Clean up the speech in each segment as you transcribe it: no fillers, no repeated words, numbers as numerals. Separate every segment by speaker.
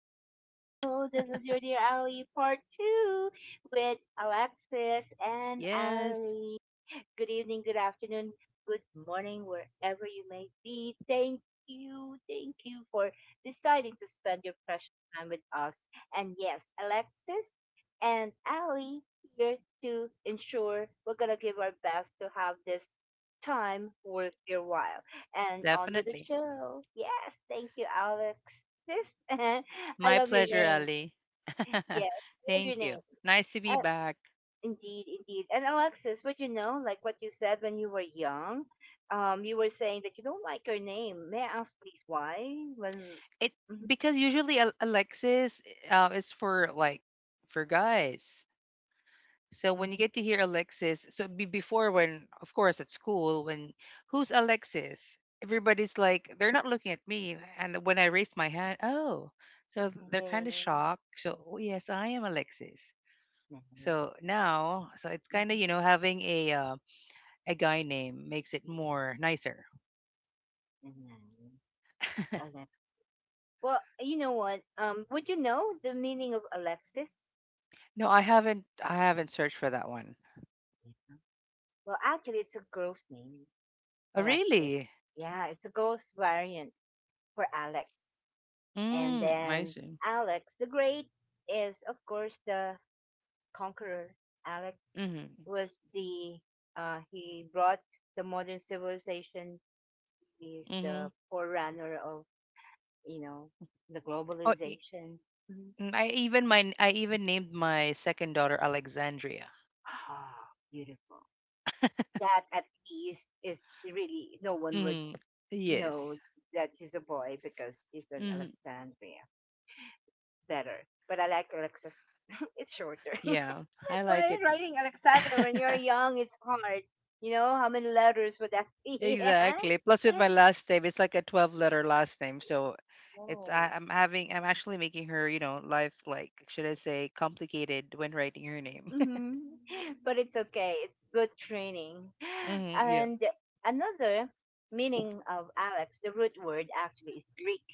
Speaker 1: Hello, this is your dear Ali part two with Alexis and
Speaker 2: Yes,
Speaker 1: Ali. Good evening, good afternoon, good morning, wherever you may be. Thank you for deciding to spend your precious time with us. And yes, Alexis and Ali here to ensure we're gonna give our best to have this time worth your while. And on with the
Speaker 2: definitely.
Speaker 1: show. Yes, thank you, Alexis. I
Speaker 2: My
Speaker 1: love your
Speaker 2: pleasure,
Speaker 1: name.
Speaker 2: Ali.
Speaker 1: Yes, I love your
Speaker 2: Thank
Speaker 1: name.
Speaker 2: you. Nice to be back.
Speaker 1: Indeed, indeed. And Alexis, would you know, like what you said when you were young, you were saying that you don't like your name. May I ask, please, why? When.
Speaker 2: It
Speaker 1: Mhm,
Speaker 2: Because usually Alexis is for, like, for guys. So when you
Speaker 1: mhm.
Speaker 2: get to hear Alexis, so be before, when of course at school, when who's Alexis? Everybody's like they're not looking at me, and when I raised my hand, oh, so they're kind of
Speaker 1: Name,
Speaker 2: shocked. So oh, yes, I am Alexis.
Speaker 1: name,
Speaker 2: So now it's kind of, having a guy name makes it more nicer.
Speaker 1: mhm, name, Ale- Well, you know what? Would you know the meaning of Alexis?
Speaker 2: No, I haven't searched for that one.
Speaker 1: Well, actually, it's a girl's name,
Speaker 2: Oh,
Speaker 1: Alexis.
Speaker 2: really?
Speaker 1: Yeah, it's a girl's variant for Alex. And
Speaker 2: Mm, I
Speaker 1: then
Speaker 2: see.
Speaker 1: Alex the Great is, of course, the conqueror. Alex
Speaker 2: Mhm.
Speaker 1: was the he brought the modern civilization. He is
Speaker 2: Mhm.
Speaker 1: the forerunner of you know the
Speaker 2: Oh, y-
Speaker 1: globalization. Mhm.
Speaker 2: I even my I even named my second daughter Alexandria.
Speaker 1: Ah, beautiful. That at least is really no one would
Speaker 2: Hmm. Yes.
Speaker 1: know that she's a boy because she's an
Speaker 2: Mm.
Speaker 1: Alexandria. Better, but I like Alexis. It's shorter.
Speaker 2: Yeah, I like
Speaker 1: Why
Speaker 2: it.
Speaker 1: writing Alexandria when you're young, it's hard. You know how many letters would that be?
Speaker 2: Exactly. Plus, with my last name, it's like a 12 letter last name. So
Speaker 1: Oh,
Speaker 2: I'm actually making her, you know, life, like, should I say, complicated when writing her name.
Speaker 1: hmm. But it's okay. It's good training.
Speaker 2: hmm yeah.
Speaker 1: And another meaning of Alex, the root word actually is Greek.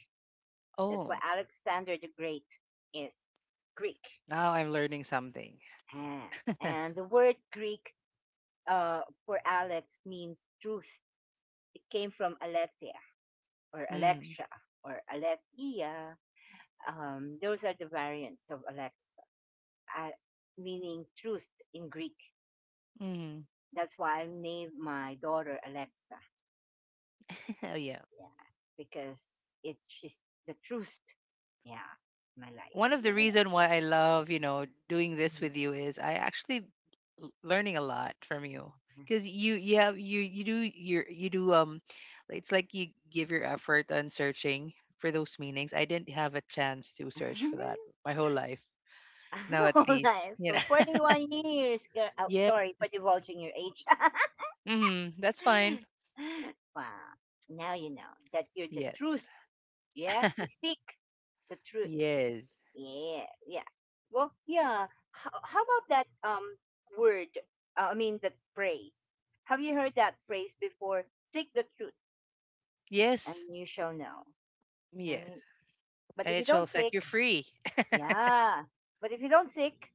Speaker 1: That's why
Speaker 2: Oh,
Speaker 1: Alexander the Great is Greek.
Speaker 2: now I'm learning something.
Speaker 1: Ah. And the word Greek uh, for Alex means truth. It came from Aletheia or
Speaker 2: mm,
Speaker 1: Alexia or Aletheia. Those are the variants of Alex, uh, meaning truth in Greek.
Speaker 2: mm.
Speaker 1: That's why I named my daughter Alexa.
Speaker 2: Oh, yeah.
Speaker 1: Yeah, because it's just the truth. Yeah, my life.
Speaker 2: One of the
Speaker 1: Yeah.
Speaker 2: reason why I love, you know, doing this
Speaker 1: Mhm.
Speaker 2: with you is I actually learning a lot from you because you have you do it's like you give your effort on searching for those meanings. I didn't have a chance to search for that my whole life. Now at
Speaker 1: Whole
Speaker 2: least,
Speaker 1: life
Speaker 2: you
Speaker 1: for
Speaker 2: know.
Speaker 1: 41 years. Girl. Oh,
Speaker 2: Yes.
Speaker 1: sorry for divulging your age.
Speaker 2: hmm That's fine.
Speaker 1: Wow. Now you know that you're the
Speaker 2: Yes.
Speaker 1: truth. Yeah, we seek the truth.
Speaker 2: Yes.
Speaker 1: Yeah, yeah. Well, yeah. How about that word? I mean, that phrase. Have you heard that phrase before? Seek the truth, and
Speaker 2: Yes.
Speaker 1: you shall know.
Speaker 2: Yes.
Speaker 1: Right? But
Speaker 2: And
Speaker 1: if you
Speaker 2: it
Speaker 1: don't
Speaker 2: shall set you
Speaker 1: seek,
Speaker 2: free.
Speaker 1: yeah. But if you don't seek,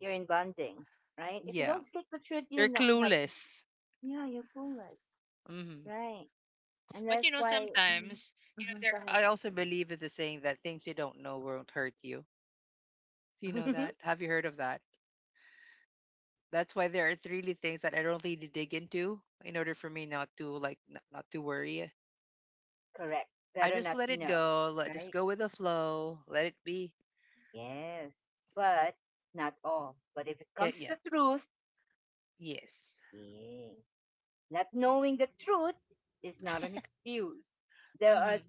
Speaker 1: you're in bonding, right? If you
Speaker 2: Yeah,
Speaker 1: don't seek the truth, you're
Speaker 2: you're
Speaker 1: not,
Speaker 2: clueless.
Speaker 1: yeah, you're clueless,
Speaker 2: Hmm
Speaker 1: right? And
Speaker 2: But you
Speaker 1: that's
Speaker 2: know,
Speaker 1: why, mhm,
Speaker 2: sometimes you know
Speaker 1: mhm, go
Speaker 2: there.
Speaker 1: ahead.
Speaker 2: I also believe in the saying that things you don't know won't hurt you. Do you know that? Have you heard of that? That's why there are really things that I don't really dig into in order for me not to, like, not to worry.
Speaker 1: Correct.
Speaker 2: I
Speaker 1: Better
Speaker 2: just
Speaker 1: not
Speaker 2: let
Speaker 1: to
Speaker 2: it
Speaker 1: know,
Speaker 2: go. Let just
Speaker 1: right?
Speaker 2: go with the flow. Let it be.
Speaker 1: Yes. But not all. But if it
Speaker 2: Yeah,
Speaker 1: comes to
Speaker 2: yeah,
Speaker 1: the truth,
Speaker 2: yes.
Speaker 1: yeah. Not knowing the truth is not an excuse. There are
Speaker 2: hmm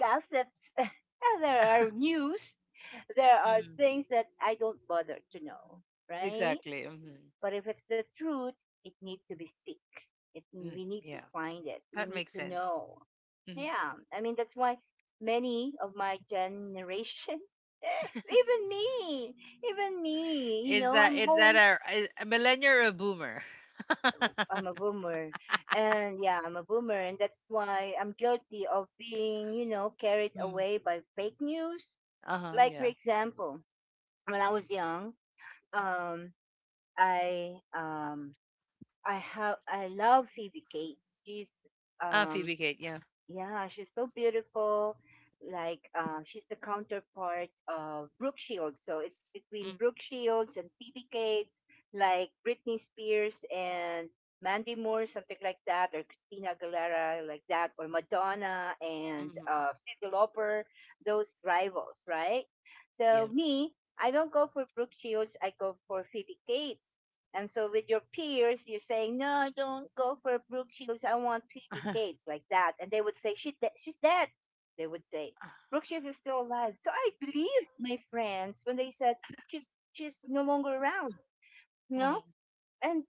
Speaker 1: gossips, and there are news, there are
Speaker 2: hmm
Speaker 1: things that I don't bother to know, right?
Speaker 2: Exactly. hmm
Speaker 1: But if it's the truth, it needs to be stick.
Speaker 2: Mm,
Speaker 1: We need to
Speaker 2: yeah,
Speaker 1: find it. We
Speaker 2: that
Speaker 1: need
Speaker 2: makes
Speaker 1: to
Speaker 2: sense.
Speaker 1: know.
Speaker 2: Mm-hmm.
Speaker 1: Yeah, I mean that's why many of my generation, even me, even me, you
Speaker 2: Is
Speaker 1: know,
Speaker 2: that
Speaker 1: I'm
Speaker 2: is that
Speaker 1: always
Speaker 2: a millennial or a boomer?
Speaker 1: I'm a boomer, and yeah, I'm a boomer, and that's why I'm guilty of being, you know, carried
Speaker 2: mm.
Speaker 1: away by fake news,
Speaker 2: Uh huh.
Speaker 1: like for
Speaker 2: Yeah.
Speaker 1: example, when I was young, um, I um, I love Phoebe Cates. She's um,
Speaker 2: Phoebe Kate. Yeah.
Speaker 1: yeah, she's so beautiful. Like she's the counterpart of Brooke Shields. So it's between
Speaker 2: Mm,
Speaker 1: Brooke Shields and Phoebe Cates, like Britney Spears and Mandy Moore, something like that, or Christina Aguilera, like that, or Madonna and
Speaker 2: mm-hmm.
Speaker 1: Cyndi Lauper, those rivals, right? So
Speaker 2: Yeah.
Speaker 1: me, I don't go for Brooke Shields. I go for Phoebe Cates. And so with your peers, you're saying, no, don't go for Brooke Shields. I want Phoebe Cates like that. And they would say, she's dead. They would say, Brooke Shields is still alive. So I believed my friends when they said, she's no longer around, you
Speaker 2: Uh-huh.
Speaker 1: know?
Speaker 2: Uh-huh.
Speaker 1: And,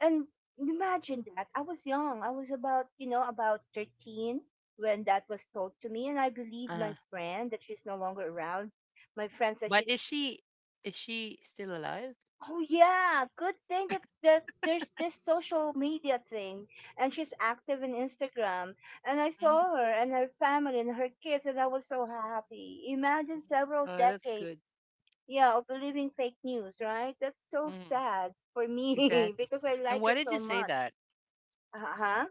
Speaker 1: and imagine that. I was young. I was about, you know, about 13 when that was told to me. And I believed my
Speaker 2: Uh-huh.
Speaker 1: friend that she's no longer around. My friend said
Speaker 2: But
Speaker 1: she—
Speaker 2: is she still alive?
Speaker 1: Oh yeah, good thing that, there's this social media thing and she's active in Instagram and I
Speaker 2: Mm mm.
Speaker 1: saw her and her family and her kids and I was so happy. Imagine several
Speaker 2: Oh, that's
Speaker 1: decades,
Speaker 2: good.
Speaker 1: yeah, of believing fake news, right? That's so
Speaker 2: Mm,
Speaker 1: sad for me
Speaker 2: exactly.
Speaker 1: because I
Speaker 2: And
Speaker 1: like her
Speaker 2: why did
Speaker 1: so
Speaker 2: you say
Speaker 1: much.
Speaker 2: that?
Speaker 1: Uh-huh.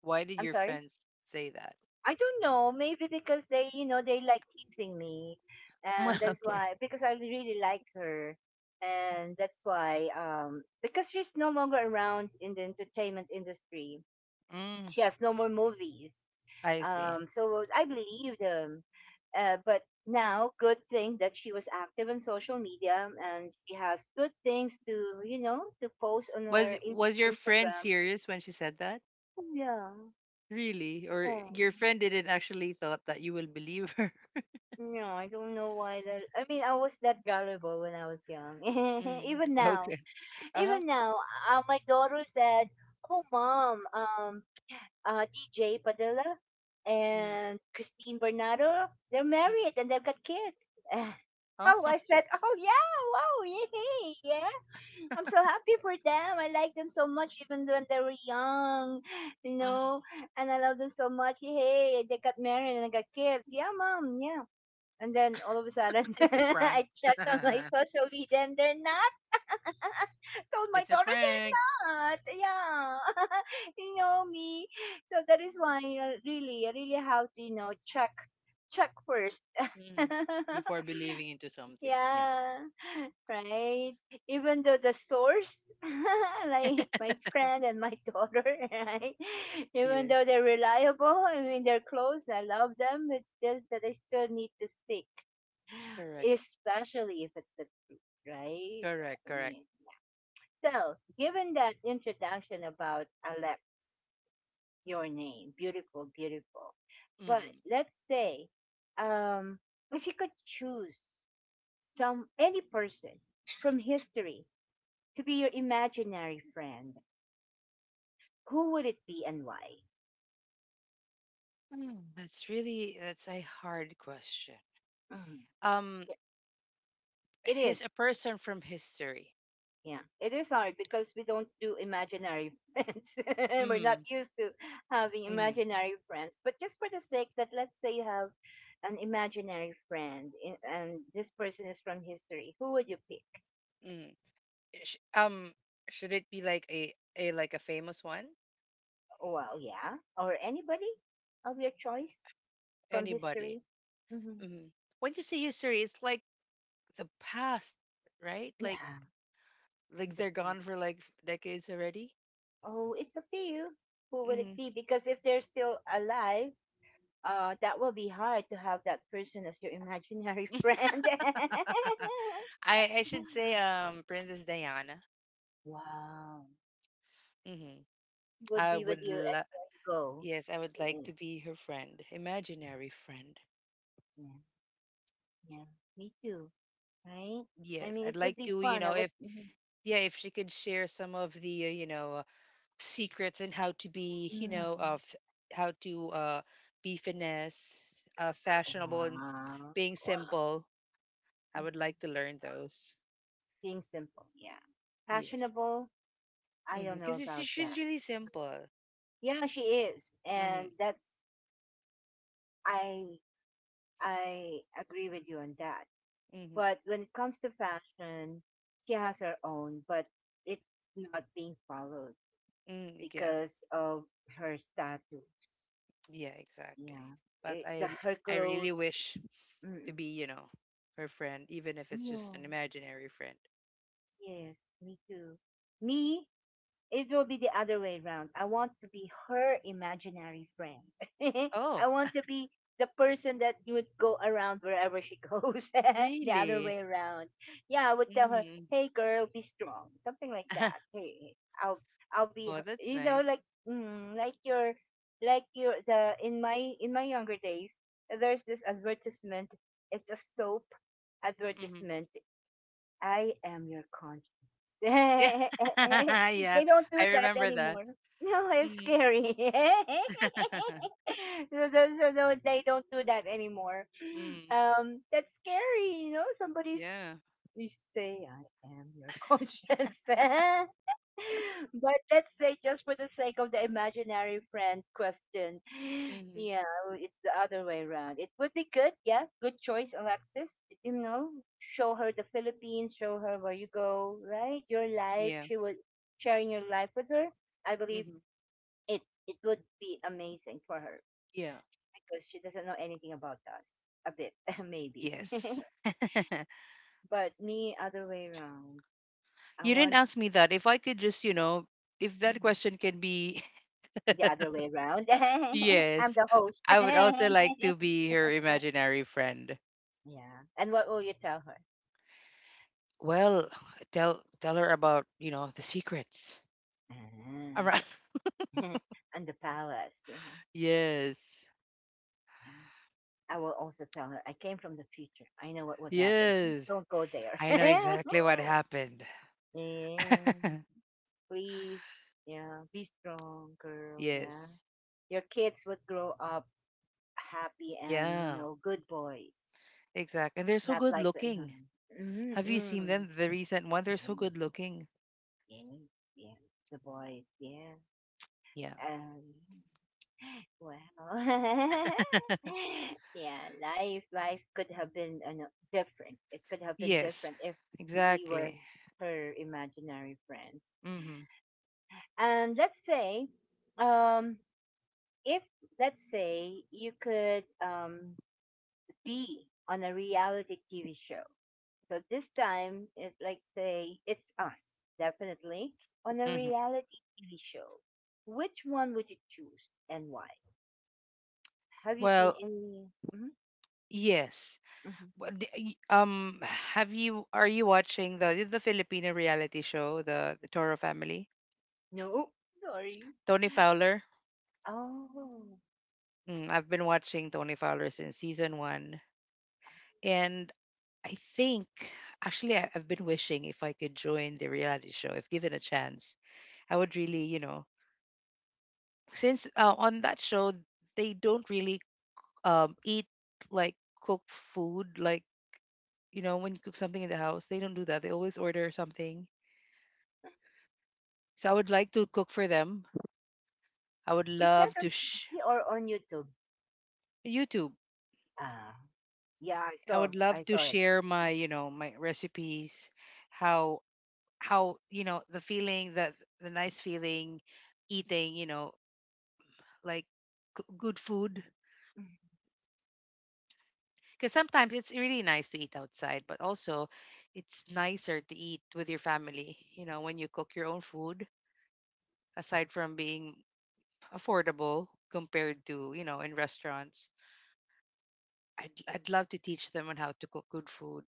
Speaker 2: Why did
Speaker 1: I'm
Speaker 2: your
Speaker 1: sorry.
Speaker 2: friends say that?
Speaker 1: I don't know. Maybe because they, you know, they like teasing me, and that's
Speaker 2: Okay.
Speaker 1: why. Because I really like her, and that's why. Because she's no longer around in the entertainment industry.
Speaker 2: Mm,
Speaker 1: She has no more movies.
Speaker 2: I see.
Speaker 1: So I believe them. But now, good thing that she was active on social media, and she has good things to, you know, to post on her
Speaker 2: Was was your friend
Speaker 1: Instagram.
Speaker 2: serious when she said that?
Speaker 1: Yeah.
Speaker 2: Really? Or
Speaker 1: Yeah.
Speaker 2: your friend didn't actually thought that you will believe her?
Speaker 1: No, I don't know why that. I mean, I was that gullible when I was young.
Speaker 2: Mm,
Speaker 1: Even now,
Speaker 2: okay. Uh-huh.
Speaker 1: even now, my daughter said, "Oh, mom, DJ Padilla
Speaker 2: Mm,
Speaker 1: and Christine Bernardo, they're married
Speaker 2: mm,
Speaker 1: and they've got kids." Oh,
Speaker 2: oh,
Speaker 1: I said, "Oh yeah, wow, yay, yeah." I'm so happy for them. I like them so much, even when they were young, you
Speaker 2: mm.
Speaker 1: know. And I love them so much. Hey, they got married and I got kids. Yeah, mom. Yeah. And then all of a sudden,
Speaker 2: It's a prank.
Speaker 1: I checked on my social media and they're not. Told my
Speaker 2: It's a
Speaker 1: daughter they're
Speaker 2: prank.
Speaker 1: not. Yeah. You know me. So that is why, you know, really, I really have to, you know, check first.
Speaker 2: Mm. Before believing into something. Yeah.
Speaker 1: Yeah. Right. Even though the source, like my friend and my daughter, right? Even
Speaker 2: Yes,
Speaker 1: though they're reliable, I mean, they're close, I love them. It's just that I still need to seek,
Speaker 2: correct.
Speaker 1: especially if it's the truth, right?
Speaker 2: Correct,
Speaker 1: I
Speaker 2: correct.
Speaker 1: mean, so given that introduction about Alep, your name, beautiful, beautiful. But
Speaker 2: Hmm
Speaker 1: let's say, um, if you could choose some any person from history to be your imaginary friend, who would it be and why?
Speaker 2: That's a hard question.
Speaker 1: Mhm.
Speaker 2: Um,
Speaker 1: Yeah, it
Speaker 2: he's
Speaker 1: is.
Speaker 2: a person from history.
Speaker 1: Yeah, it is hard because we don't do imaginary friends. We're
Speaker 2: Mm,
Speaker 1: not used to having
Speaker 2: mm,
Speaker 1: imaginary friends. But just for the sake that, let's say you have an imaginary friend in, and this person is from history, who would you pick?
Speaker 2: mm. Sh- um, should it be like a like a famous one?
Speaker 1: Well, yeah, or anybody of your choice from
Speaker 2: Anybody?
Speaker 1: history. Hmm.
Speaker 2: Hmm When you say history, it's like the past, right? Like
Speaker 1: Yeah,
Speaker 2: like
Speaker 1: the
Speaker 2: they're
Speaker 1: past.
Speaker 2: gone for like decades already.
Speaker 1: Oh, it's up to you. Who will it
Speaker 2: Hmm
Speaker 1: be? Because if they're still alive, that will be hard to have that person as your imaginary friend.
Speaker 2: I
Speaker 1: Yeah.
Speaker 2: should say Princess Diana.
Speaker 1: Wow.
Speaker 2: Hmm
Speaker 1: He would
Speaker 2: I
Speaker 1: be with
Speaker 2: would
Speaker 1: you
Speaker 2: lo-
Speaker 1: anywhere you go.
Speaker 2: yes, I would like to
Speaker 1: Yeah.
Speaker 2: be her friend, imaginary friend.
Speaker 1: Yeah. Yeah. Me too. Right? I mean, it
Speaker 2: Yes, I'd
Speaker 1: would be
Speaker 2: like to,
Speaker 1: fun. I
Speaker 2: you know,
Speaker 1: would.
Speaker 2: if
Speaker 1: Mhm.
Speaker 2: she could share some of the you know, secrets and how to be, you
Speaker 1: Mhm.
Speaker 2: know, of how to be finesse, fashionable and
Speaker 1: Wow.
Speaker 2: being
Speaker 1: Wow.
Speaker 2: simple. I
Speaker 1: Mhm.
Speaker 2: would like to learn those.
Speaker 1: Being simple. Yeah.
Speaker 2: Yes.
Speaker 1: Fashionable. I don't know
Speaker 2: Because
Speaker 1: about
Speaker 2: it's
Speaker 1: that.
Speaker 2: she's really simple.
Speaker 1: Yeah, she is. And
Speaker 2: Mhm.
Speaker 1: that's, I, I agree with you on that.
Speaker 2: Mhm.
Speaker 1: But when it comes to fashion, she has her own, but it's not being followed
Speaker 2: Mm, yeah.
Speaker 1: because of her status.
Speaker 2: Yeah, exactly.
Speaker 1: Yeah,
Speaker 2: But
Speaker 1: The
Speaker 2: I
Speaker 1: her
Speaker 2: I really
Speaker 1: clothes.
Speaker 2: wish to
Speaker 1: Mm-mm.
Speaker 2: be, you know, her friend, even if it's just
Speaker 1: Yeah.
Speaker 2: an imaginary friend.
Speaker 1: Yes, me too. Me, it will be the other way around. I want to be her imaginary friend.
Speaker 2: Oh,
Speaker 1: I want to be the person that would go around wherever she goes. The other
Speaker 2: really?
Speaker 1: way around. Yeah, I would tell her,
Speaker 2: Mhm.
Speaker 1: "Hey, girl, be strong," something like that. Hey, I'll I'll be,
Speaker 2: Well,
Speaker 1: her,
Speaker 2: that's
Speaker 1: you know,
Speaker 2: nice.
Speaker 1: like mm, like your like your the in my younger days, there's this advertisement. It's a soap
Speaker 2: Mhm.
Speaker 1: advertisement. I am your conscience.
Speaker 2: Yeah. Yeah,
Speaker 1: They don't
Speaker 2: I
Speaker 1: do that
Speaker 2: remember that.
Speaker 1: anymore. No, it's
Speaker 2: Mhm.
Speaker 1: scary. So no, they don't do that anymore.
Speaker 2: Mm,
Speaker 1: That's scary, you know. Somebody's
Speaker 2: yeah.
Speaker 1: you say, "I am your conscience." But let's say just for the sake of the imaginary friend question,
Speaker 2: Mhm.
Speaker 1: yeah, well, it's the other way around. It would be good, yeah, good choice, Alexis. You know, show her the Philippines, show her where you go, right? Your life.
Speaker 2: Yeah.
Speaker 1: She would sharing your life with her. I believe
Speaker 2: Mhm.
Speaker 1: it it would be amazing for her
Speaker 2: Yeah.
Speaker 1: because she doesn't know anything about us. A bit, maybe.
Speaker 2: Yes.
Speaker 1: But me, other way around. I
Speaker 2: You didn't
Speaker 1: want.
Speaker 2: ask me that. If I could just, you know, if that
Speaker 1: Hmm.
Speaker 2: question can be,
Speaker 1: The other way around. I'm
Speaker 2: yes,
Speaker 1: the host.
Speaker 2: I would
Speaker 1: Yeah.
Speaker 2: also like to be her imaginary friend.
Speaker 1: And what will you tell her?
Speaker 2: Well, tell her about, you know, the secrets. All
Speaker 1: Ah,
Speaker 2: right.
Speaker 1: and the palace, right?
Speaker 2: Yes.
Speaker 1: Yeah. I will also tell her I came from the future. I know what would happen. Please
Speaker 2: Yes.
Speaker 1: don't go there.
Speaker 2: I know exactly what happened.
Speaker 1: Yeah. Please. Yeah. Be strong, girl. Yeah.
Speaker 2: Yes.
Speaker 1: Your kids would grow up happy and, you
Speaker 2: Yeah.
Speaker 1: know, good boys.
Speaker 2: Exactly. And they're so
Speaker 1: Not
Speaker 2: good
Speaker 1: like the.
Speaker 2: looking.
Speaker 1: Mm-hmm.
Speaker 2: Have you seen
Speaker 1: Mm-hmm.
Speaker 2: them? The recent one, they're so good looking.
Speaker 1: Yes, yes. The boys, yeah.
Speaker 2: Yeah.
Speaker 1: Um, well, yeah. Life could have been different. It could have been
Speaker 2: Yes,
Speaker 1: different if we were
Speaker 2: exactly.
Speaker 1: her imaginary friends.
Speaker 2: Mm-hmm.
Speaker 1: And let's say, um, if let's say you could be on a reality TV show. So this time, it like say it's us definitely on a
Speaker 2: Mm-hmm.
Speaker 1: reality TV show. Which one would you choose and why? Have you seen
Speaker 2: Well,
Speaker 1: any? Hmm.
Speaker 2: yes.
Speaker 1: Hmm.
Speaker 2: What d- y- Um, have you are you watching the Filipino reality show, the Toro Family?
Speaker 1: No, sorry.
Speaker 2: Tony Fowler.
Speaker 1: Oh,
Speaker 2: Mm, I've been watching Tony Fowler since season one, and I think actually I've been wishing if I could join the reality show, if given a chance, I would really, you know, since on that show they don't really eat, like, cook food, like, you know, when you cook something in the house, they don't do that. They always order something. So I would like to cook for them. I would
Speaker 1: is that
Speaker 2: love
Speaker 1: on
Speaker 2: to sh-
Speaker 1: TV or on YouTube?
Speaker 2: YouTube.
Speaker 1: Ah, yeah,
Speaker 2: I would
Speaker 1: I
Speaker 2: love
Speaker 1: saw
Speaker 2: to
Speaker 1: it.
Speaker 2: share my, you know, my recipes, how how, you know, the feeling that the nice feeling eating, you know, like good food
Speaker 1: Mhm.
Speaker 2: because sometimes it's really nice to eat outside, but also it's nicer to eat with your family, you know, when you cook your own food aside from being affordable compared to, you know, in restaurants. I'd love to teach them on how to cook good food.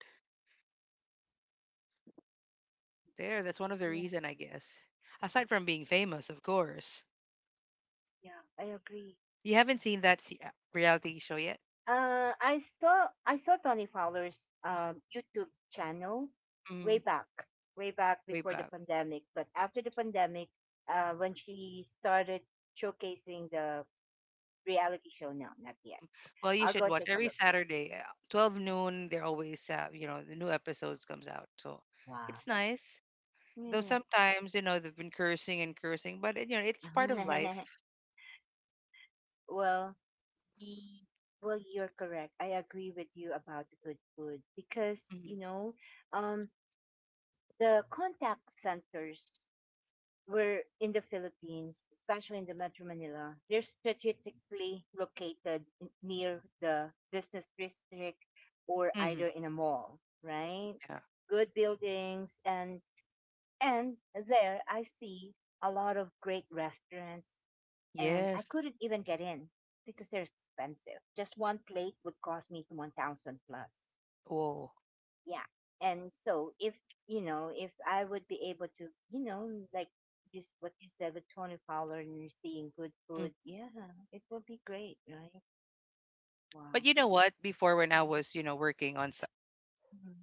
Speaker 2: There, that's one of the
Speaker 1: Yeah,
Speaker 2: reason, I guess. Aside from being famous, of course.
Speaker 1: yeah, I agree.
Speaker 2: You haven't seen that reality show yet?
Speaker 1: I saw Tony Fowler's YouTube channel way
Speaker 2: Mm,
Speaker 1: back, way back
Speaker 2: way
Speaker 1: before the
Speaker 2: back.
Speaker 1: pandemic. But after the pandemic, when she started showcasing the reality show, no, not yet.
Speaker 2: Well, you
Speaker 1: I'll
Speaker 2: should
Speaker 1: go
Speaker 2: watch
Speaker 1: take a
Speaker 2: every
Speaker 1: look.
Speaker 2: Saturday, 12 noon. They're always, you know, the new episodes comes out. So
Speaker 1: Wow.
Speaker 2: it's nice. Though
Speaker 1: Yeah.
Speaker 2: sometimes, you know, they've been cursing and cursing, but, you know, it's part of life.
Speaker 1: well, the, well, you're correct. I agree with you about the good food because
Speaker 2: Hmm
Speaker 1: um, the contact centers we're in the Philippines, especially in the Metro Manila, they're strategically located near the business district or
Speaker 2: hmm
Speaker 1: either in a mall, right?
Speaker 2: Yeah.
Speaker 1: Good buildings, and there I see a lot of great restaurants and I
Speaker 2: Yes.
Speaker 1: couldn't even get in because they're expensive. Just one plate would cost me 1000 plus.
Speaker 2: Oh.
Speaker 1: Yeah. And so if you know if I would be able to, just what you said with Tony Fowler, and you're seeing good
Speaker 2: Mm.
Speaker 1: food, yeah, it would be great, right?
Speaker 2: But
Speaker 1: Wow.
Speaker 2: you know what? Before when I was, you know, working on,
Speaker 1: Mhm.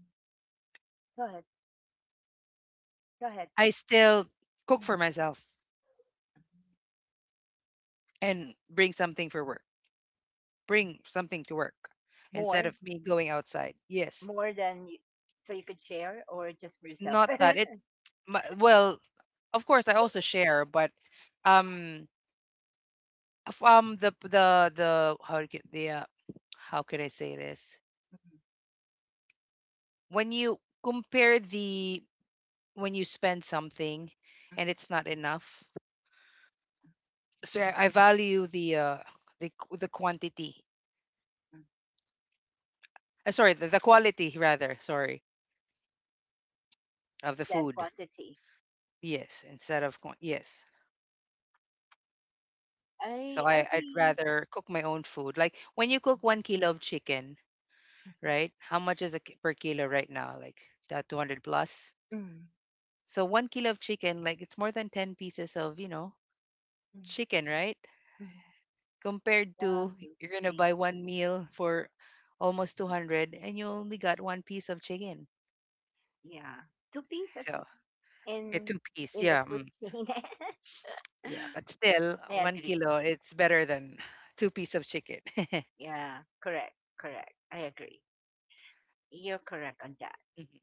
Speaker 1: Go ahead, go ahead.
Speaker 2: I still cook for
Speaker 1: Mhm.
Speaker 2: myself and bring something for work. Bring something to work instead
Speaker 1: more
Speaker 2: of me going outside. Yes,
Speaker 1: more than you, so you could share or just for yourself?
Speaker 2: not that it. My, well, of course, I also share, but um, the how to get the how can I say this?
Speaker 1: Mhm.
Speaker 2: When you compare the when you spend something and
Speaker 1: Mhm,
Speaker 2: it's not enough, so I value the quantity.
Speaker 1: mhm.
Speaker 2: Sorry, the quality rather. Sorry, of the
Speaker 1: Than
Speaker 2: food.
Speaker 1: quantity.
Speaker 2: Yes, instead of yes. So
Speaker 1: I
Speaker 2: I'd
Speaker 1: agree.
Speaker 2: rather cook my own food. Like when you cook 1 kilo of chicken,
Speaker 1: Mhm.
Speaker 2: right? How much is it per kilo right now? Like that 200 plus.
Speaker 1: Mhm.
Speaker 2: So 1 kilo of chicken, like it's more than 10 pieces of, you know,
Speaker 1: Mhm.
Speaker 2: chicken, right?
Speaker 1: Mhm.
Speaker 2: Compared to
Speaker 1: One, two,
Speaker 2: you're going to
Speaker 1: three.
Speaker 2: buy one meal for almost 200 and you only got one piece of chicken.
Speaker 1: Yeah. Two piece at
Speaker 2: So
Speaker 1: least
Speaker 2: yeah,
Speaker 1: in
Speaker 2: two piece.
Speaker 1: in a
Speaker 2: Yeah.
Speaker 1: food
Speaker 2: Mm,
Speaker 1: chain.
Speaker 2: yeah. But still,
Speaker 1: I
Speaker 2: one
Speaker 1: agree.
Speaker 2: kilo, it's better than two piece of chicken.
Speaker 1: Yeah, correct, correct. I agree. You're correct on that.
Speaker 2: Mhm.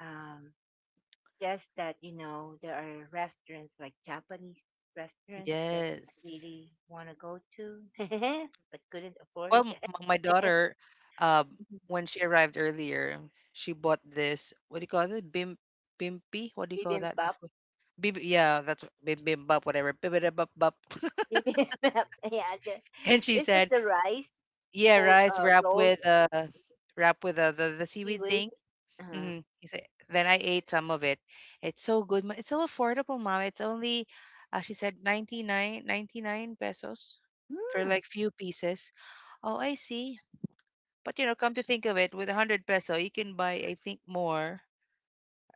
Speaker 1: Um, just that there are restaurants like Japanese restaurants that I
Speaker 2: Yes.
Speaker 1: really want to go to, but couldn't afford.
Speaker 2: Well, m m my daughter, um, when she arrived earlier, she bought this, what do you call it? Bim bimpi? What do you call that? The
Speaker 1: Bibimbap,
Speaker 2: food? Bib yeah, that's what- bim bim bap, whatever. Bim bada bap bap.
Speaker 1: bibimbap. Yeah,
Speaker 2: And she
Speaker 1: is it
Speaker 2: said,
Speaker 1: the rice
Speaker 2: "Yeah, rice
Speaker 1: rolled
Speaker 2: wrapped with the seaweed
Speaker 1: seaweed?
Speaker 2: thing."
Speaker 1: Uh-huh.
Speaker 2: hmm He said, then I ate some of it. It's so good. It's so affordable, mom. It's only, she said, 99.99 pesos for
Speaker 1: Hmm.
Speaker 2: like few pieces. Oh, I see. But you know, come to think of it, with 100 peso, you can buy, I think, more.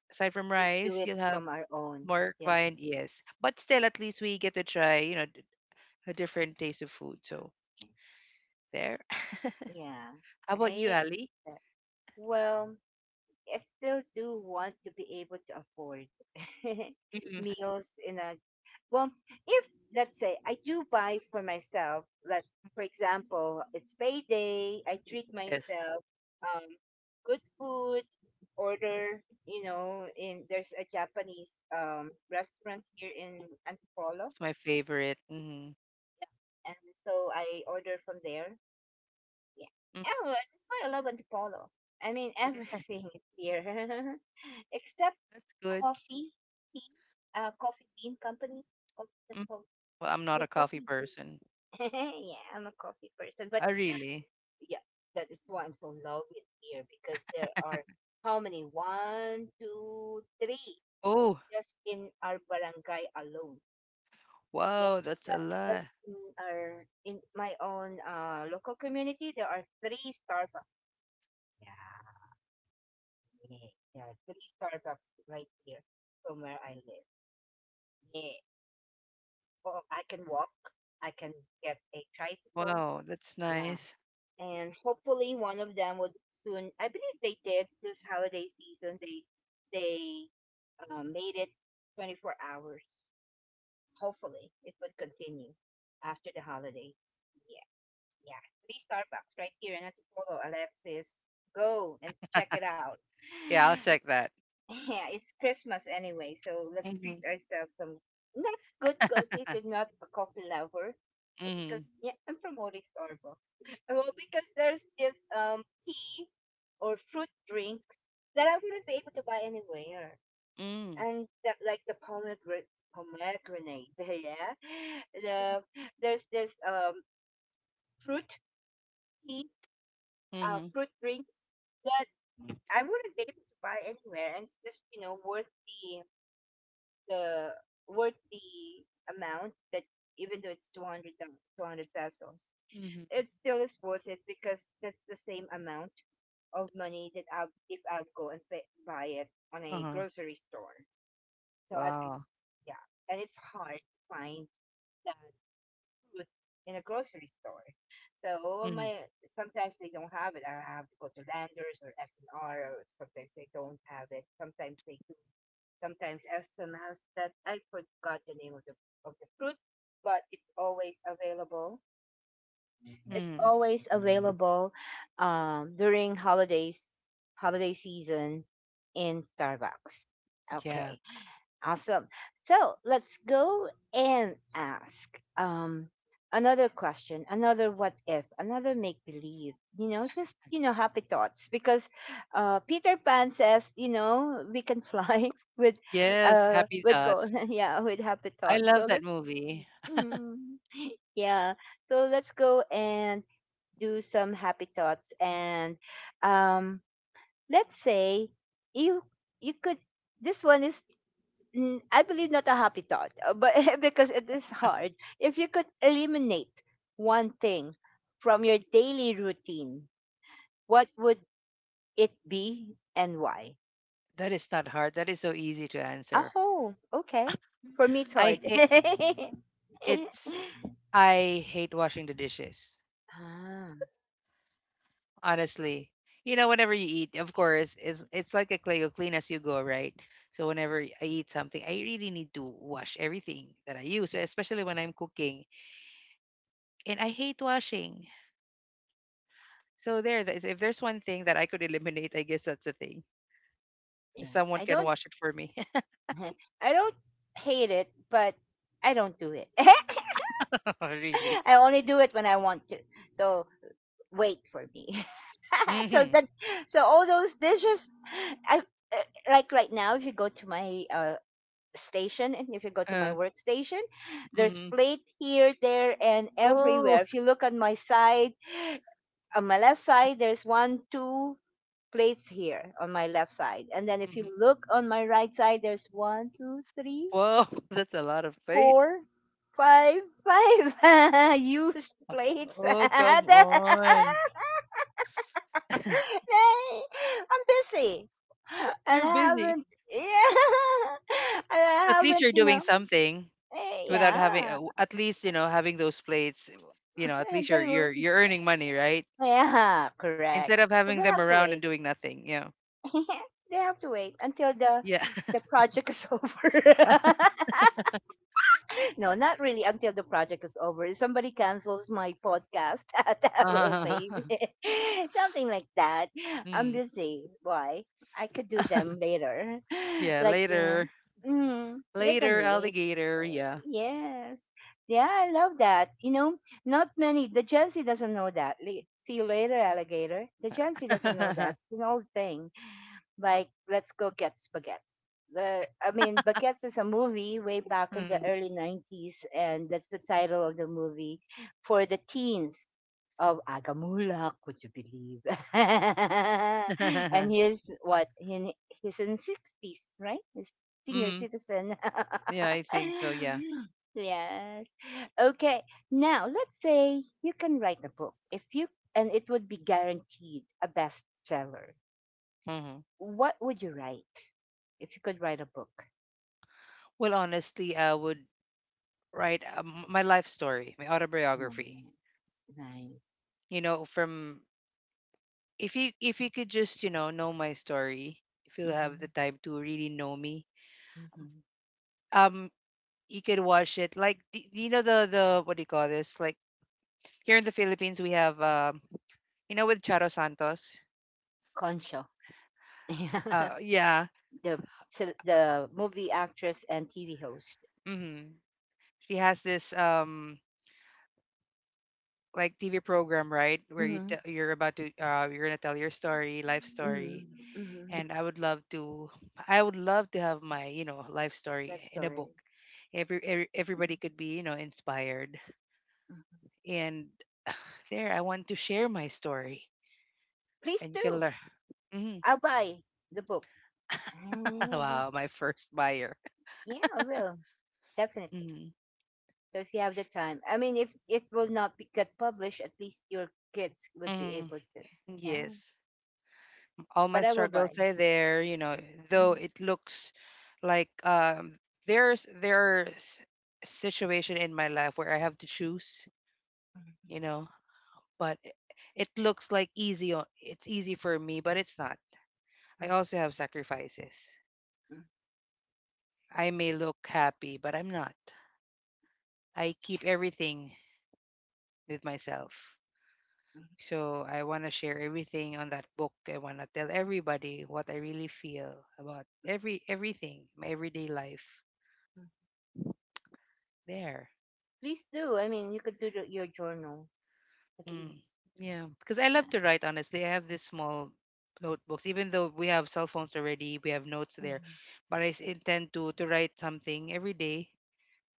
Speaker 2: Aside from
Speaker 1: We do
Speaker 2: rice,
Speaker 1: it
Speaker 2: you'll have
Speaker 1: from our own.
Speaker 2: more
Speaker 1: Yeah,
Speaker 2: vine, yes. But still, at least we get to try, you know, a different taste of food. So there.
Speaker 1: yeah.
Speaker 2: How about you,
Speaker 1: I
Speaker 2: Ali?
Speaker 1: uh, well, I still do want to be able to afford
Speaker 2: Mm-mm.
Speaker 1: meals in a well. If let's say I do buy for myself, let's for example, it's payday. I treat
Speaker 2: Yes,
Speaker 1: myself, um, good food. Order, you know, in there's a Japanese restaurant here in Antipolo,
Speaker 2: it's my favorite. Mm-hmm.
Speaker 1: and so I order from there. Yeah.
Speaker 2: mm
Speaker 1: Oh, that's why I love Antipolo. I mean
Speaker 2: Yeah,
Speaker 1: everything here, except
Speaker 2: that's good.
Speaker 1: coffee, tea, coffee bean company. co- The,
Speaker 2: Mm.
Speaker 1: co-
Speaker 2: Well, I'm not a
Speaker 1: the
Speaker 2: coffee
Speaker 1: coffee
Speaker 2: person.
Speaker 1: bean. Yeah, I'm a coffee person, but
Speaker 2: Oh, really?
Speaker 1: yeah, that is why I'm so in love with beer because there are how many? One, two, three,
Speaker 2: Oh,
Speaker 1: just in our barangay alone.
Speaker 2: wow,
Speaker 1: Just
Speaker 2: that's a
Speaker 1: that,
Speaker 2: lot.
Speaker 1: just in our in my own local community, there are three Starbucks. Yeah. Yeah, yeah. Three Starbucks right here from where I live. Yeah. Oh, I can walk. I can get a tricycle.
Speaker 2: Wow, that's
Speaker 1: Yeah.
Speaker 2: nice.
Speaker 1: And hopefully one of them would, soon. I believe they did this holiday season. They made it 24 hours. Hopefully it would continue after the holidays. Yeah. Yeah. Three Starbucks right here in Antipolo. Alexis, go and check it out.
Speaker 2: Yeah, I'll check that.
Speaker 1: Yeah, it's Christmas anyway, so let's
Speaker 2: Mm-hmm.
Speaker 1: treat ourselves some, not good coffee if you're not a coffee lover.
Speaker 2: Mm-hmm.
Speaker 1: Because yeah, I'm promoting Starbucks. Well, because there's this tea or fruit drinks that I wouldn't be able to buy anywhere,
Speaker 2: Mm-hmm.
Speaker 1: and that like the pomegranate, pomegranate, yeah. The there's this fruit tea, fruit drink that I wouldn't be able to buy anywhere, and it's just worth the worth the amount that, even though it's 200 pesos,
Speaker 2: Mm-hmm.
Speaker 1: it still is worth it because that's the same amount of money that, I'll if I'll go and pay, buy it on a
Speaker 2: Uh-huh.
Speaker 1: grocery store. So at least,
Speaker 2: Wow.
Speaker 1: yeah, and it's hard to find that fruit in a grocery store. So
Speaker 2: Mm,
Speaker 1: my sometimes they don't have it, I have to go to Landers or S&R, or sometimes they don't have it, sometimes they do, sometimes as that I forgot the name of the fruit, but it's always available. Mm-hmm. It's
Speaker 2: mm,
Speaker 1: always available, during holidays, holiday season in Starbucks.
Speaker 2: yeah.
Speaker 1: Okay. Awesome. So let's go and ask another question, another what if, another make believe. You know, just happy thoughts because Peter Pan says, you know, we can fly
Speaker 2: Yes, Happy
Speaker 1: with go
Speaker 2: Thoughts.
Speaker 1: yeah, with happy
Speaker 2: I
Speaker 1: thoughts. So
Speaker 2: love that
Speaker 1: let's,
Speaker 2: movie.
Speaker 1: mm, yeah. So let's go and do some happy thoughts and um let's say you you could, this one is, mm, I believe not a happy thought, but because it is hard. If you could eliminate one thing from your daily routine, what would it be and why?
Speaker 2: That is not hard. That is so easy to answer.
Speaker 1: Oh, okay. For me, it's
Speaker 2: I
Speaker 1: hard.
Speaker 2: hate it's I hate washing the dishes.
Speaker 1: Ah,
Speaker 2: Honestly. You know, whenever you eat, of course, it's like a clay, you clean as you go, right? So whenever I eat something, I really need to wash everything that I use, especially when I'm cooking. And I hate washing. So there, if there's one thing that I could eliminate, I guess that's the thing.
Speaker 1: yeah.
Speaker 2: Someone
Speaker 1: I
Speaker 2: can
Speaker 1: don't,
Speaker 2: wash it for me.
Speaker 1: I don't hate it, but I don't do it.
Speaker 2: Really?
Speaker 1: I only do it when I want to. So wait for me. so
Speaker 2: Hmm
Speaker 1: that so all those dishes, I, like right now, if you go to my station and if you go to my
Speaker 2: Uh,
Speaker 1: workstation, there's
Speaker 2: mhm.
Speaker 1: plate here, there, and
Speaker 2: Oh,
Speaker 1: everywhere. If you look on my side, on my left side there's one two plates here on my left side, and then if you
Speaker 2: mhm.
Speaker 1: look on my right side there's one two three
Speaker 2: Whoa, that's a lot of weight.
Speaker 1: four five five used
Speaker 2: Uh,
Speaker 1: plates
Speaker 2: Oh, come on.
Speaker 1: Nay, I'm busy. And
Speaker 2: You're
Speaker 1: I
Speaker 2: busy.
Speaker 1: haven't, yeah, and I
Speaker 2: At least
Speaker 1: haven't,
Speaker 2: you're
Speaker 1: you
Speaker 2: doing
Speaker 1: know,
Speaker 2: something
Speaker 1: eh,
Speaker 2: without having,
Speaker 1: yeah,
Speaker 2: at least, you know, having those plates, you know, at least
Speaker 1: eh,
Speaker 2: you're
Speaker 1: they
Speaker 2: you're
Speaker 1: would,
Speaker 2: you're earning money, right?
Speaker 1: yeah,
Speaker 2: Instead
Speaker 1: correct.
Speaker 2: of
Speaker 1: So they
Speaker 2: having
Speaker 1: have
Speaker 2: them
Speaker 1: to wait.
Speaker 2: around and doing nothing.
Speaker 1: They have to wait until the
Speaker 2: Yeah.
Speaker 1: the project is over. No, not really until the project is over. If somebody cancels my podcast, that would maybe something like that. I'm
Speaker 2: Mm.
Speaker 1: busy. Why? I could do them later.
Speaker 2: Yeah,
Speaker 1: Like,
Speaker 2: later.
Speaker 1: they can
Speaker 2: Later,
Speaker 1: wait.
Speaker 2: alligator.
Speaker 1: Eh,
Speaker 2: Yeah.
Speaker 1: yes. Yeah, I love that. You know, not many. The Gen Z doesn't know that. See you later, alligator. The Gen Z doesn't know that. It's an old thing like, let's go get spaghetti, the I mean baguettes, is a movie way back in the
Speaker 2: Mm.
Speaker 1: early 90s, and that's the title of the movie for the teens of Agamulak, would you believe? And he's, what, he's in 60s, right? He's senior
Speaker 2: Mm.
Speaker 1: citizen.
Speaker 2: Yeah, I think so. Yeah.
Speaker 1: Yes. Okay, now let's say you can write a book, if you and it would be guaranteed a bestseller,
Speaker 2: hmm
Speaker 1: what would you write if you could write a book?
Speaker 2: Well, honestly, I would write my life story, my autobiography.
Speaker 1: Mm, nice.
Speaker 2: You know, from if you could just know my story, if you'll have the
Speaker 1: Mm-hmm.
Speaker 2: time to really know me,
Speaker 1: Mm-hmm.
Speaker 2: um, you could watch it. Like you know the what do you call this? Like here in the Philippines, we have you know, with Charo Santos.
Speaker 1: Concho. Yeah.
Speaker 2: Yeah.
Speaker 1: the So the movie actress and TV host.
Speaker 2: hmm She has this like TV program, right, where
Speaker 1: Mm-hmm.
Speaker 2: you're about to you're gonna tell your story, life
Speaker 1: Mm-hmm.
Speaker 2: story,
Speaker 1: Mm-hmm.
Speaker 2: and I would love to have my, you know, life
Speaker 1: That
Speaker 2: story in a
Speaker 1: story.
Speaker 2: book. Everybody
Speaker 1: Mm-hmm.
Speaker 2: could be, you know, inspired,
Speaker 1: Mhm.
Speaker 2: and there I want to share my story
Speaker 1: Please
Speaker 2: and you can
Speaker 1: do.
Speaker 2: learn. Mhm.
Speaker 1: I'll buy the book. Mm,
Speaker 2: Wow, my first buyer.
Speaker 1: yeah, I will. Definitely.
Speaker 2: Mhm.
Speaker 1: So if you have the time, I mean, if it will not be, get published, at least your kids would be
Speaker 2: Mhm.
Speaker 1: able to. Yeah,
Speaker 2: Yes, all my
Speaker 1: but I will buy.
Speaker 2: struggles are there. You know, though
Speaker 1: Mhm,
Speaker 2: it looks like there's situation in my life where I have to choose.
Speaker 1: mhm,
Speaker 2: You know, but it looks like easy o- it's easy for me but it's not. I
Speaker 1: mhm,
Speaker 2: also have sacrifices.
Speaker 1: mhm.
Speaker 2: I may look happy but I'm not. I keep everything with myself. So I want to share everything on that book. I want to tell everybody what I really feel about everything, my everyday life.
Speaker 1: Mhm.
Speaker 2: There.
Speaker 1: Please do. I mean, you could do your journal at
Speaker 2: mm,
Speaker 1: least.
Speaker 2: yeah, because I love
Speaker 1: Yeah.
Speaker 2: to write. Honestly, I have this small notebooks, even though we have cell phones already, we have notes there,
Speaker 1: Mhm.
Speaker 2: but I intend to write something every day,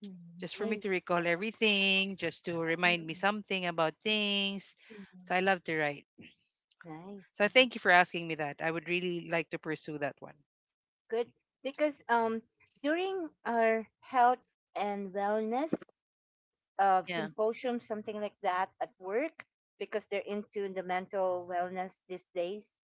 Speaker 1: Mhm.
Speaker 2: just for me
Speaker 1: Nice.
Speaker 2: to recall everything, just to remind me
Speaker 1: Mhm.
Speaker 2: something about things. So
Speaker 1: Mhm.
Speaker 2: I love to write.
Speaker 1: Nice,
Speaker 2: So
Speaker 1: nice.
Speaker 2: thank you for asking me that. I would really like to pursue that one.
Speaker 1: Good. Because during our health and wellness
Speaker 2: Yeah.
Speaker 1: symposium, something like that at work, because they're into the mental wellness these days,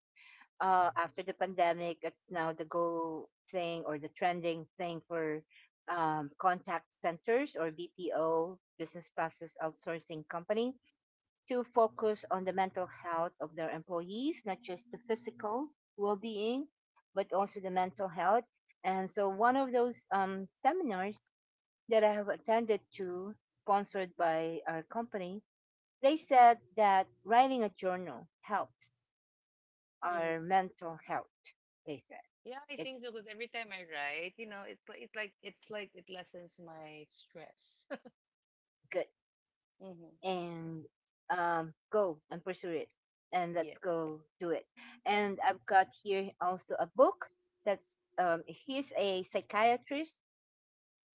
Speaker 1: after the pandemic, it's now the go thing or the trending thing for, contact centers or BPO, business process outsourcing company, to focus on the mental health of their employees, not just the physical well being, but also the mental health. And so, one of those seminars that I have attended to, sponsored by our company, they said that writing a journal helps
Speaker 2: Mm-hmm.
Speaker 1: our mental health, they said.
Speaker 2: Yeah, I
Speaker 1: It
Speaker 2: think so because every time I write, you know, it's like it lessens my stress.
Speaker 1: good.
Speaker 2: hmm
Speaker 1: And, go and pursue it, and let's
Speaker 2: Yes.
Speaker 1: go do it. And I've got here also a book that's, he's a psychiatrist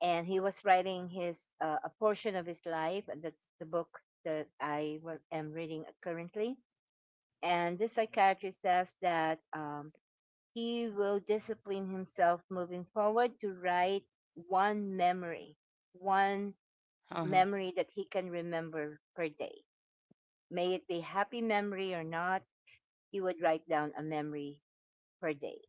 Speaker 1: and he was writing his a portion of his life, and that's the book that am reading currently. And this psychiatrist says that, he will discipline himself moving forward to write one memory, one
Speaker 2: Uh-huh.
Speaker 1: memory that he can remember per day. May it be happy memory or not, he would write down a memory per day.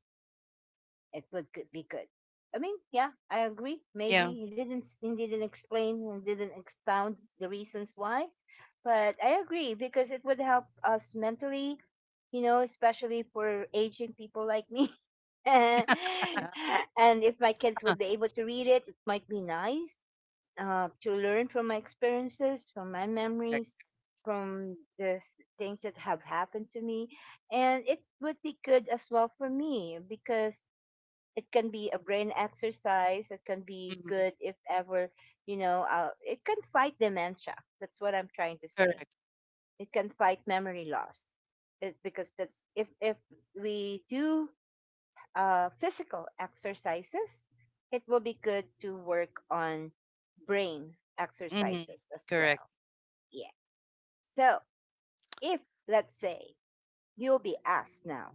Speaker 1: It would could be good. I mean, yeah, I agree.
Speaker 2: Yeah.
Speaker 1: Maybe he didn't explain and didn't expound the reasons why, but I agree because it would help us mentally, you know, especially for aging people like me. And
Speaker 2: Uh-huh.
Speaker 1: if my kids would be able to read it, it might be nice, to learn from my experiences, from my memories,
Speaker 2: Correct.
Speaker 1: from the things that have happened to me. And it would be good as well for me because it can be a brain exercise. It can be
Speaker 2: Mm-hmm.
Speaker 1: good if ever, you know, it can fight dementia. That's what I'm trying to say.
Speaker 2: Correct.
Speaker 1: It can fight memory loss. It's because that's, if we do, physical exercises, it will be good to work on brain
Speaker 2: Mm-hmm.
Speaker 1: exercises as
Speaker 2: Correct.
Speaker 1: well. Yeah. So if, let's say, you'll be asked now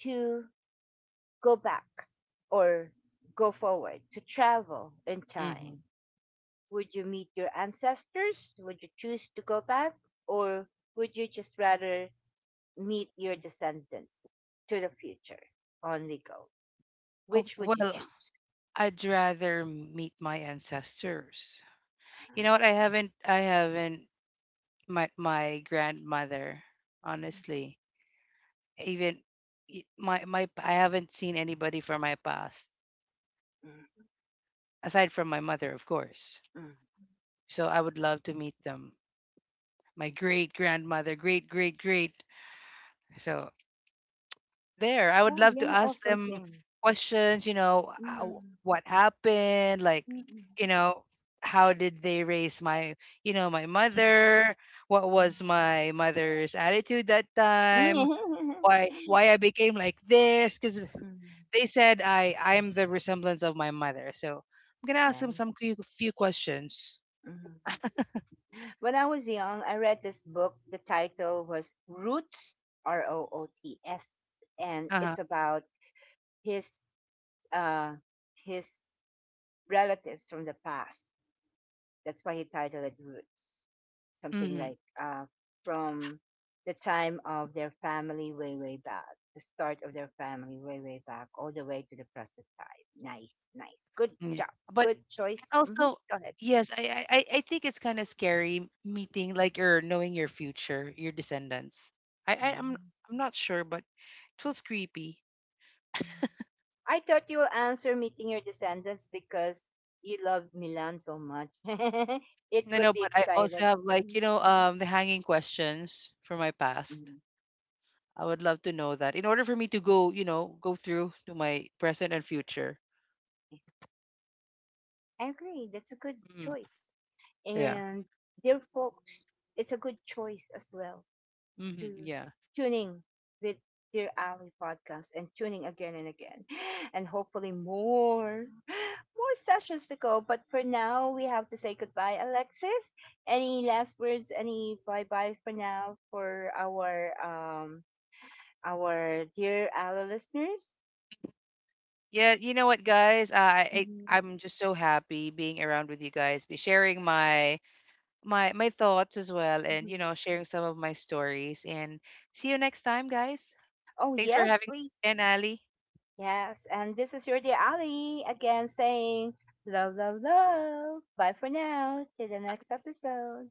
Speaker 1: to go back or go forward, to travel in
Speaker 2: Mm-hmm.
Speaker 1: time, would you meet your ancestors? Would you choose to go back? Or would you just rather meet your descendants to the future, on we go?
Speaker 2: Oh,
Speaker 1: Which would you
Speaker 2: well,
Speaker 1: choose?
Speaker 2: I'd rather meet my ancestors. You know what? I haven't my my grandmother honestly even y- my I haven't seen anybody from my past
Speaker 1: Uh,
Speaker 2: aside from my mother, of course.
Speaker 1: Mm.
Speaker 2: So I would love to meet them, my great grandmother, great great great. So there, I
Speaker 1: That
Speaker 2: would
Speaker 1: would
Speaker 2: love
Speaker 1: be
Speaker 2: to
Speaker 1: an
Speaker 2: ask
Speaker 1: awesome
Speaker 2: them
Speaker 1: thing.
Speaker 2: questions. You know, how,
Speaker 1: Mm,
Speaker 2: what happened, like,
Speaker 1: mm-mm.
Speaker 2: you know, how did they raise my, you know, my
Speaker 1: Mm,
Speaker 2: mother. What was my mother's attitude that time?
Speaker 1: mm.
Speaker 2: Why I became like this? Because
Speaker 1: Mm.
Speaker 2: they said I am the resemblance of my mother. So I'm gonna ask them
Speaker 1: Nice.
Speaker 2: some few, few questions.
Speaker 1: Mm. When I was young, I read this book. The title was Roots, R O O T S, and
Speaker 2: Uh huh.
Speaker 1: it's about his uh, his relatives from the past. That's why he titled it Roots. Something
Speaker 2: Mm-hmm.
Speaker 1: like, from the time of their family, way, way back, the start of their family way, way back, all the way to the present time. Nice, nice. Good
Speaker 2: Yeah.
Speaker 1: job.
Speaker 2: But
Speaker 1: Good choice.
Speaker 2: and
Speaker 1: Hmm.
Speaker 2: also,
Speaker 1: Go ahead.
Speaker 2: yes, I think it's kind of scary meeting, like, or knowing your future, your descendants. I, I I'm
Speaker 1: Mhm.
Speaker 2: I'm not sure, but it feels creepy.
Speaker 1: I thought you will answer meeting your descendants because you love Milan so much. It
Speaker 2: No,
Speaker 1: would
Speaker 2: no,
Speaker 1: be
Speaker 2: but I also
Speaker 1: excited.
Speaker 2: have, like, you
Speaker 1: Mhm.
Speaker 2: know, the hanging questions from my past.
Speaker 1: Mhm.
Speaker 2: I would love to know that in order for me to go, you know, go through to my present and future.
Speaker 1: I agree. That's a good
Speaker 2: Mm,
Speaker 1: choice.
Speaker 2: yeah.
Speaker 1: And dear folks, it's a good choice as well.
Speaker 2: hmm
Speaker 1: To
Speaker 2: yeah.
Speaker 1: tuning with Dear Ali podcast and tuning again and again. And hopefully more sessions to go. But for now we have to say goodbye, Alexis. Any last words, any bye bye for now for our dear Ali listeners?
Speaker 2: Yeah. You know what, guys?
Speaker 1: Mhm,
Speaker 2: I'm just so happy being around with you guys, be sharing my thoughts as well, and
Speaker 1: mhm.
Speaker 2: you know, sharing some of my stories. And see you next time, guys.
Speaker 1: Oh
Speaker 2: Thanks for
Speaker 1: yes,
Speaker 2: having me
Speaker 1: please.
Speaker 2: again, Ali.
Speaker 1: Yes. And this is your dear Ali again saying love, love, love. Bye for now. Till the next episode.